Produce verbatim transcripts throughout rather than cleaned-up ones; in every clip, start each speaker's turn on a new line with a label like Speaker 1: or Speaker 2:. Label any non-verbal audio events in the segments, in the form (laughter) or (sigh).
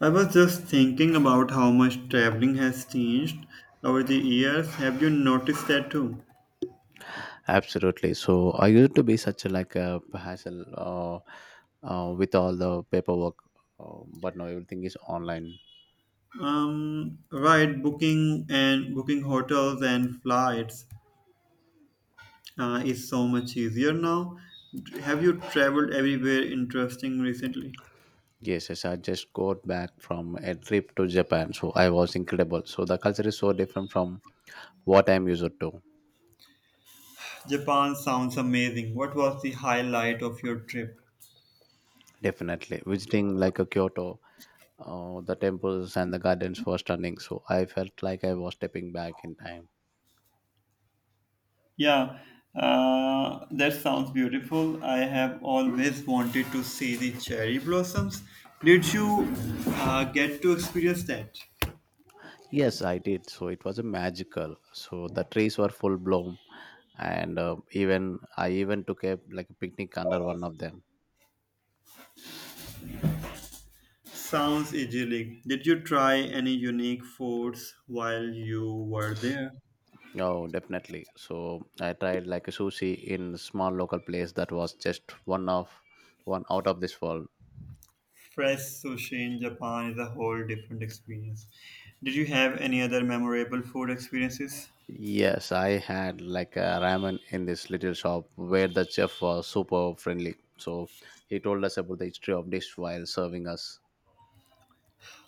Speaker 1: I was just thinking about how much traveling has changed over the years. Have you noticed that too?
Speaker 2: Absolutely. So I used to be such a like a hassle uh, uh, with all the paperwork, uh, but now everything is online.
Speaker 1: Um, right, booking and booking hotels and flights uh, is so much easier now. Have you traveled everywhere interesting recently?
Speaker 2: Yes, yes. I just got back from a trip to Japan, so I was incredible. So the culture is so different from what I'm used to.
Speaker 1: Japan sounds amazing. What was the highlight of your trip?
Speaker 2: Definitely, visiting like a Kyoto, uh, the temples and the gardens were stunning. So I felt like I was stepping back in time.
Speaker 1: Yeah, uh, that sounds beautiful. I have always wanted to see the cherry blossoms. Did you uh, get to experience that?
Speaker 2: Yes, I did. So it was a magical. So the trees were full bloom, and uh, even I even took a like a picnic under one of them.
Speaker 1: Sounds idyllic. Did you try any unique foods while you were there?
Speaker 2: Oh, definitely. So I tried like a sushi in small local place that was just one of one out of this world.
Speaker 1: Fresh sushi in Japan is a whole different experience. Did you have any other memorable food experiences?
Speaker 2: Yes, I had like a ramen in this little shop where the chef was super friendly. So he told us about the history of dish while serving us.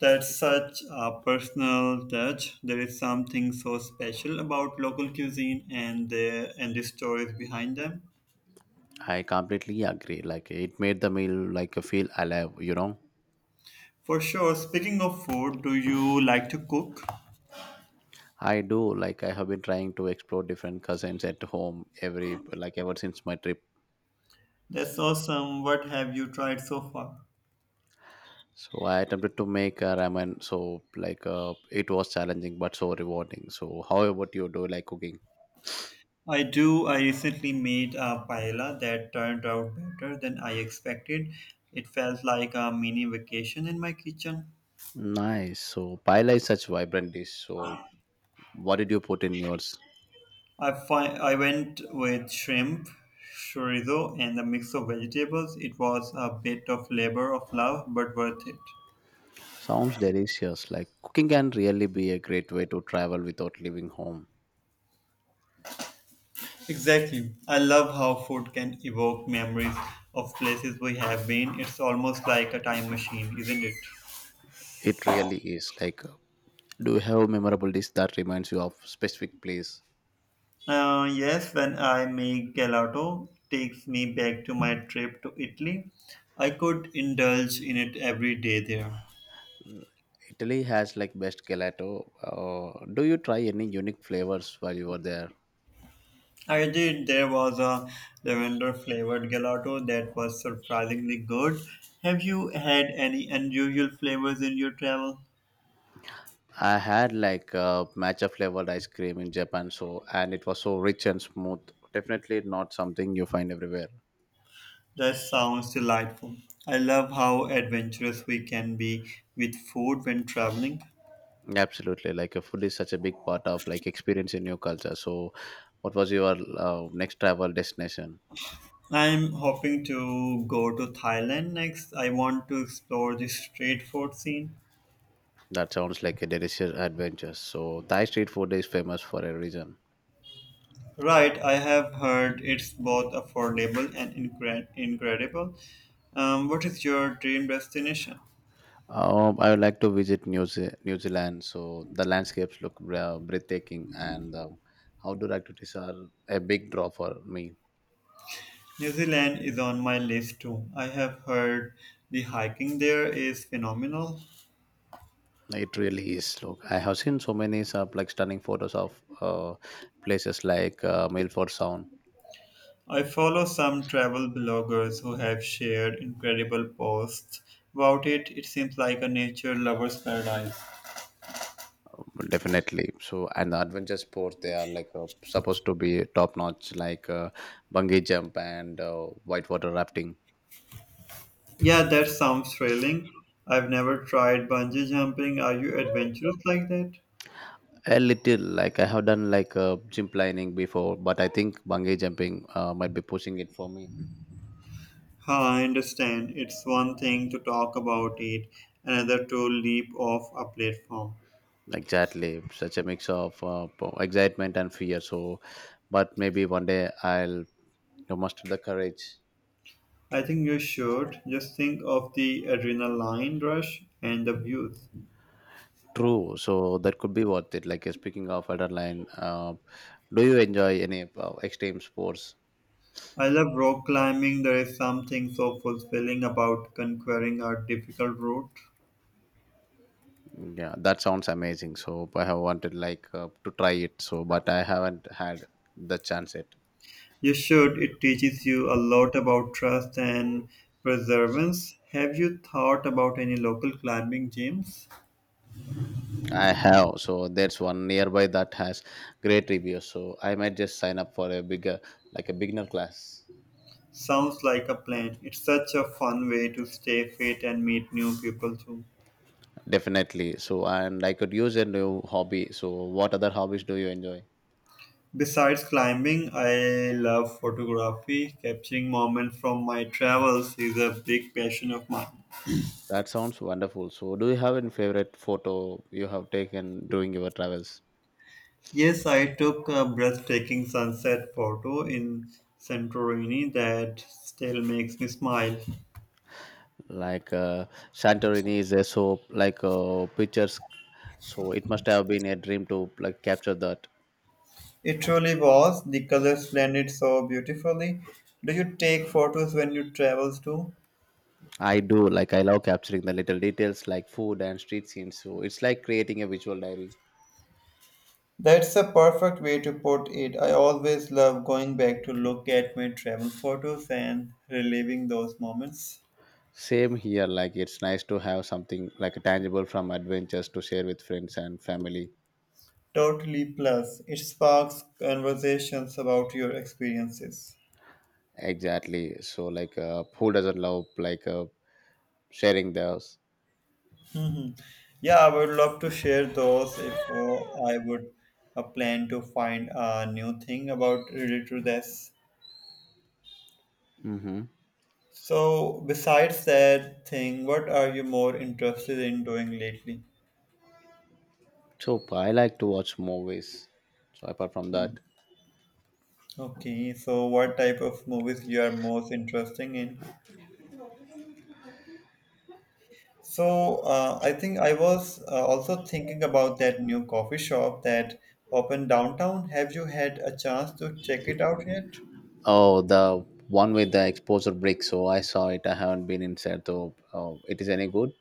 Speaker 1: That's such a personal touch. There is something so special about local cuisine and the and the stories behind them.
Speaker 2: I completely agree. Like it made the meal like feel alive, you know.
Speaker 1: For sure. Speaking of food, do you like to cook?
Speaker 2: I do like I have been trying to explore different cuisines at home every like ever since my trip.
Speaker 1: That's awesome. What have you tried so far?
Speaker 2: So I attempted to make a ramen. So like uh, it was challenging but so rewarding. So how about you? Do you like cooking?
Speaker 1: I do. I recently made a paella that turned out better than I expected. It felt like a mini vacation in my kitchen.
Speaker 2: Nice. So paella is such vibrant dish. So what did you put in yours?
Speaker 1: I fi- I went with shrimp, chorizo, and a mix of vegetables. It was a bit of labor of love, but worth it.
Speaker 2: Sounds delicious. Like cooking can really be a great way to travel without leaving home.
Speaker 1: Exactly. I love how food can evoke memories of places we have been. It's almost like a time machine, isn't it?
Speaker 2: It really is. Like, do you have a memorable dish that reminds you of specific place?
Speaker 1: Uh, yes, when I make gelato, takes me back to my trip to Italy. I could indulge in it every day there.
Speaker 2: Italy has like best gelato. Uh, do you try any unique flavors while you were there?
Speaker 1: I did. There was a lavender flavored gelato that was surprisingly good. Have you had any unusual flavors in your travel?
Speaker 2: I had like uh, matcha flavored ice cream in Japan, so and it was so rich and smooth. Definitely not something you find everywhere.
Speaker 1: That sounds delightful. I love how adventurous we can be with food when traveling.
Speaker 2: Absolutely, like uh, food is such a big part of like experience in your culture. So, what was your uh, next travel destination?
Speaker 1: I'm hoping to go to Thailand next. I want to explore the street food scene.
Speaker 2: That sounds like a delicious adventure. So, Thai street food is famous for a reason.
Speaker 1: Right, I have heard it's both affordable and incre- incredible. Um, what is your dream destination?
Speaker 2: Um, I would like to visit New, Ze- New Zealand. So the landscapes look bra- breathtaking, and um, outdoor activities are a big draw for me.
Speaker 1: New Zealand is on my list too. I have heard the hiking there is phenomenal.
Speaker 2: It really is. Look, I have seen so many sub, like stunning photos of uh, places like uh, Milford Sound.
Speaker 1: I follow some travel bloggers who have shared incredible posts about it. It seems like a nature lover's paradise.
Speaker 2: Um, Definitely. So, and the adventure sports they are like uh, supposed to be top notch, like uh, bungee jump and uh, whitewater rafting.
Speaker 1: Yeah, that sounds thrilling. I've never tried bungee jumping. Are you adventurous like that?
Speaker 2: A little, like I have done like uh, gym planning before, but I think bungee jumping uh, might be pushing it for me.
Speaker 1: Huh, I understand. It's one thing to talk about it, another to leap off a platform.
Speaker 2: Exactly, such a mix of uh, po- excitement and fear. So, but maybe one day I'll you know, muster the courage.
Speaker 1: I think you should just think of the adrenaline rush and the views.
Speaker 2: True, so that could be worth it. Like uh, speaking of adrenaline, uh, do you enjoy any uh, extreme sports?
Speaker 1: I love rock climbing. There is something so fulfilling about conquering a difficult route.
Speaker 2: Yeah, that sounds amazing. So I have wanted like uh, to try it. So, but I haven't had the chance yet.
Speaker 1: You should. It teaches you a lot about trust and perseverance. Have you thought about any local climbing gyms?
Speaker 2: I have, so there's one nearby that has great reviews. So I might just sign up for a bigger, like a beginner class.
Speaker 1: Sounds like a plan. It's such a fun way to stay fit and meet new people too.
Speaker 2: Definitely. So and I could use a new hobby. So what other hobbies do you enjoy?
Speaker 1: Besides climbing, I love photography. Capturing moments from my travels is a big passion of mine.
Speaker 2: That sounds wonderful. So do you have any favorite photo you have taken during your travels?
Speaker 1: Yes, I took a breathtaking sunset photo in Santorini that still makes me smile.
Speaker 2: Like uh, Santorini is a soap, like uh, pictures. So it must have been a dream to like capture that.
Speaker 1: It truly was. The colors blended so beautifully. Do you take photos when you travel too?
Speaker 2: I do like I love capturing the little details like food and street scenes. So it's like creating a visual diary.
Speaker 1: That's a perfect way to put it. I always love going back to look at my travel photos and reliving those moments.
Speaker 2: Same here, like it's nice to have something like a tangible from adventures to share with friends and family.
Speaker 1: Totally. Plus, it sparks conversations about your experiences.
Speaker 2: Exactly. So like uh, who doesn't love like uh, sharing theirs?
Speaker 1: Mhm. Yeah, I would love to share those if uh, I would uh, plan to find a new thing about related to this.
Speaker 2: Mm-hmm.
Speaker 1: So, besides that thing, what are you more interested in doing lately?
Speaker 2: So I like to watch movies. So apart from that,
Speaker 1: Okay, so what type of movies you are most interested in? So uh, I think I was uh, also thinking about that new coffee shop that opened downtown. Have you had a chance to check it out yet?
Speaker 2: oh the one with the exposure brick. So I saw it. I haven't been inside though. Oh, it is any good?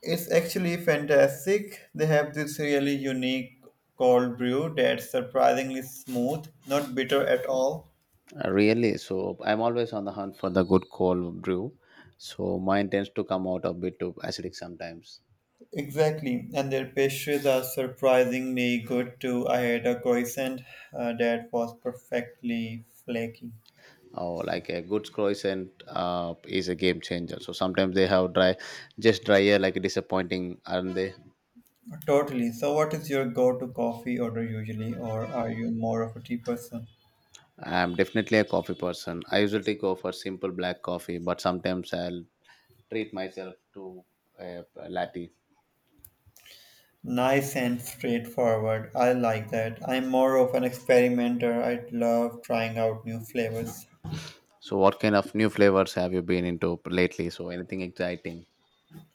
Speaker 1: It's actually fantastic. They have this really unique cold brew that's surprisingly smooth, not bitter at all.
Speaker 2: Uh, Really, so I'm always on the hunt for the good cold brew. So mine tends to come out a bit too acidic sometimes.
Speaker 1: Exactly, and their pastries are surprisingly good too. I had a croissant uh, that was perfectly flaky.
Speaker 2: Oh, like a good croissant uh, is a game changer. So sometimes they have dry, just drier, like disappointing, aren't they?
Speaker 1: Totally. So, what is your go to coffee order usually, or are you more of a tea person?
Speaker 2: I'm definitely a coffee person. I usually go for simple black coffee, but sometimes I'll treat myself to a latte.
Speaker 1: Nice and straightforward. I like that. I'm more of an experimenter. I love trying out new flavors.
Speaker 2: So what kind of new flavors have you been into lately? So anything exciting?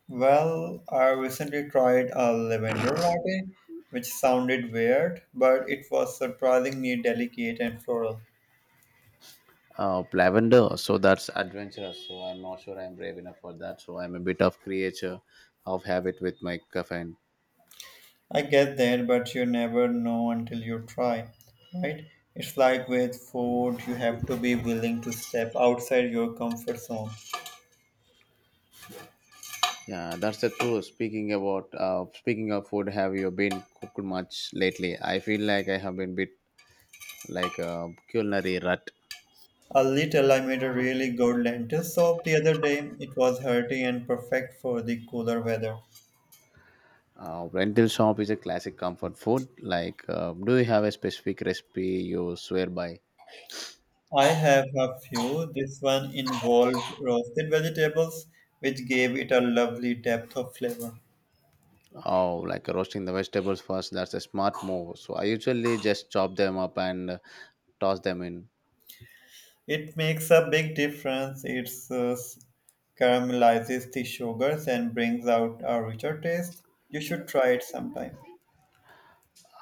Speaker 1: Well, I recently tried a lavender latte, which sounded weird, but it was surprisingly delicate and floral.
Speaker 2: Uh, lavender, so that's adventurous. So I'm not sure I'm brave enough for that. So I'm a bit of creature of habit with my caffeine.
Speaker 1: I get that, but you never know until you try, right? It's like with food, you have to be willing to step outside your comfort zone.
Speaker 2: Yeah, that's the truth. Speaking about uh, speaking of food, have you been cooked much lately? I feel like I have been bit like a culinary rut.
Speaker 1: A little. I made a really good lentil soup the other day. It was hearty and perfect for the cooler weather.
Speaker 2: Uh, rental shop is a classic comfort food. Like, uh, do you have a specific recipe you swear by?
Speaker 1: I have a few. This one involved roasted vegetables, which gave it a lovely depth of flavor.
Speaker 2: Oh, like roasting the vegetables first. That's a smart move. So I usually just chop them up and uh, toss them in.
Speaker 1: It makes a big difference. It uh, caramelizes the sugars and brings out a richer taste. You should try it sometime.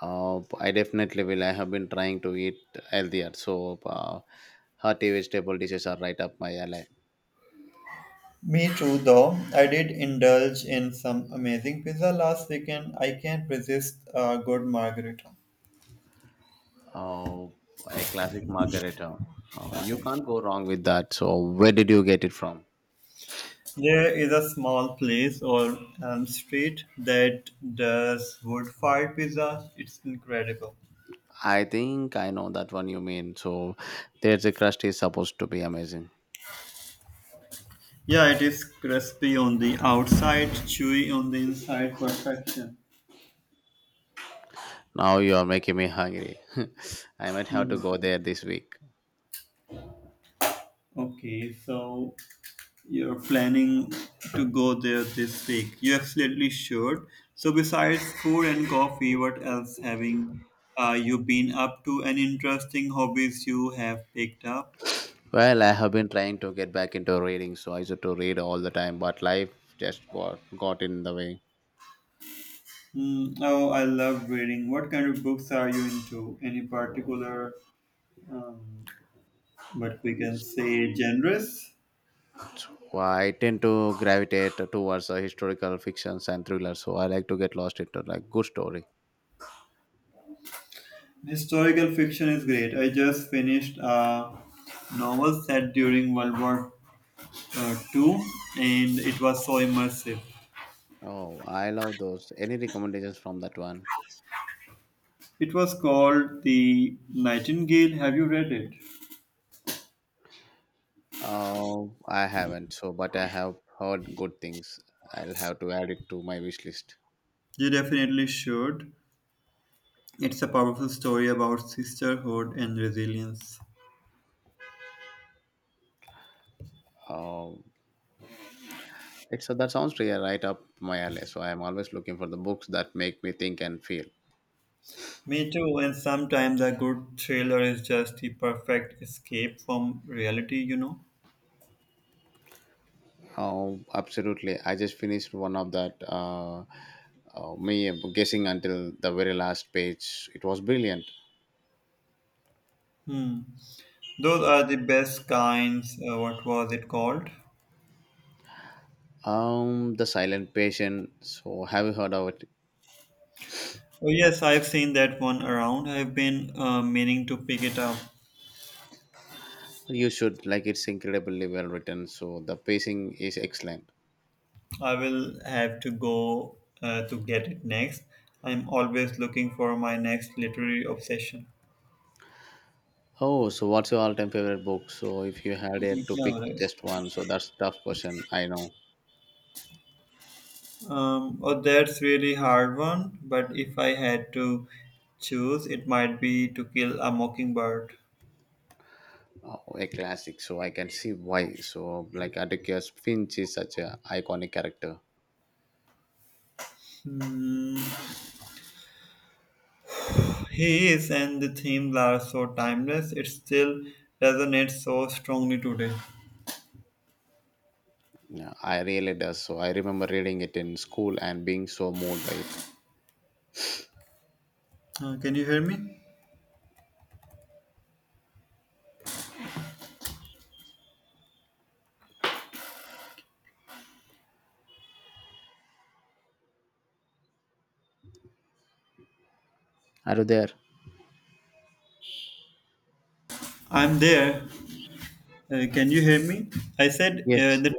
Speaker 2: Uh, I definitely will. I have been trying to eat healthier, so uh, hearty vegetable dishes are right up my alley.
Speaker 1: Me too, though. I did indulge in some amazing pizza last weekend. I can't resist a good margarita.
Speaker 2: Uh, a classic margarita. Uh, you can't go wrong with that. So, where did you get it from?
Speaker 1: There is a small place on Elm Street that does wood fired pizza. It's incredible.
Speaker 2: I think I know that one you mean. So, there's a crust is supposed to be amazing.
Speaker 1: Yeah, it is crispy on the outside, chewy on the inside. Perfection.
Speaker 2: Now you are making me hungry. (laughs) I might have to
Speaker 1: Hmm.
Speaker 2: go there this week.
Speaker 1: Okay, so you're planning to go there this week. You absolutely should. So, besides food and coffee, what else having uh, you been up to? Any interesting hobbies you have picked up?
Speaker 2: Well, I have been trying to get back into reading, so I used to read all the time, but life just got, got in the way.
Speaker 1: Mm, oh, I love reading. What kind of books are you into? Any particular, um, what we can say, genres?
Speaker 2: Well, I tend to gravitate towards uh, historical fictions and thrillers, so I like to get lost into like good story.
Speaker 1: Historical fiction is great. I just finished a novel set during World War uh, two, and it was so immersive.
Speaker 2: Oh, I love those. Any recommendations from that one?
Speaker 1: It was called The Nightingale. Have you read it?
Speaker 2: Oh, I haven't. So, but I have heard good things. I'll have to add it to my wish list.
Speaker 1: You definitely should. It's a powerful story about sisterhood and resilience.
Speaker 2: Oh, it's that sounds really right up my alley. So I am always looking for the books that make me think and feel.
Speaker 1: Me too, and sometimes a good thriller is just the perfect escape from reality, you know.
Speaker 2: Oh, absolutely. I just finished one of that. Uh, uh, me guessing until the very last page. It was brilliant.
Speaker 1: Hmm. Those are the best kinds. Uh, what was it called?
Speaker 2: Um, The Silent Patient. So, have you heard of it?
Speaker 1: Oh, yes, I've seen that one around. I've been uh, meaning to pick it up.
Speaker 2: You should like it's incredibly well written. So, the pacing is excellent.
Speaker 1: I will have to go uh, to get it next. I'm always looking for my next literary obsession.
Speaker 2: Oh, so what's your all-time favorite book? So, if you had it to pick
Speaker 1: Yeah, right.
Speaker 2: just one, so that's tough question. I know.
Speaker 1: Um, oh, that's really hard one. But if I had to choose, it might be To Kill a Mockingbird.
Speaker 2: Oh, a classic. So I can see why. So like Atticus Finch is such a iconic character.
Speaker 1: Hmm, he is, and the themes are so timeless. It still resonates so strongly today.
Speaker 2: Yeah, I really does. So I remember reading it in school and being so moved by it.
Speaker 1: Uh, can you hear me?
Speaker 2: Are you there?
Speaker 1: I'm there. Uh, can you hear me? I said
Speaker 2: Yes.
Speaker 1: uh, the.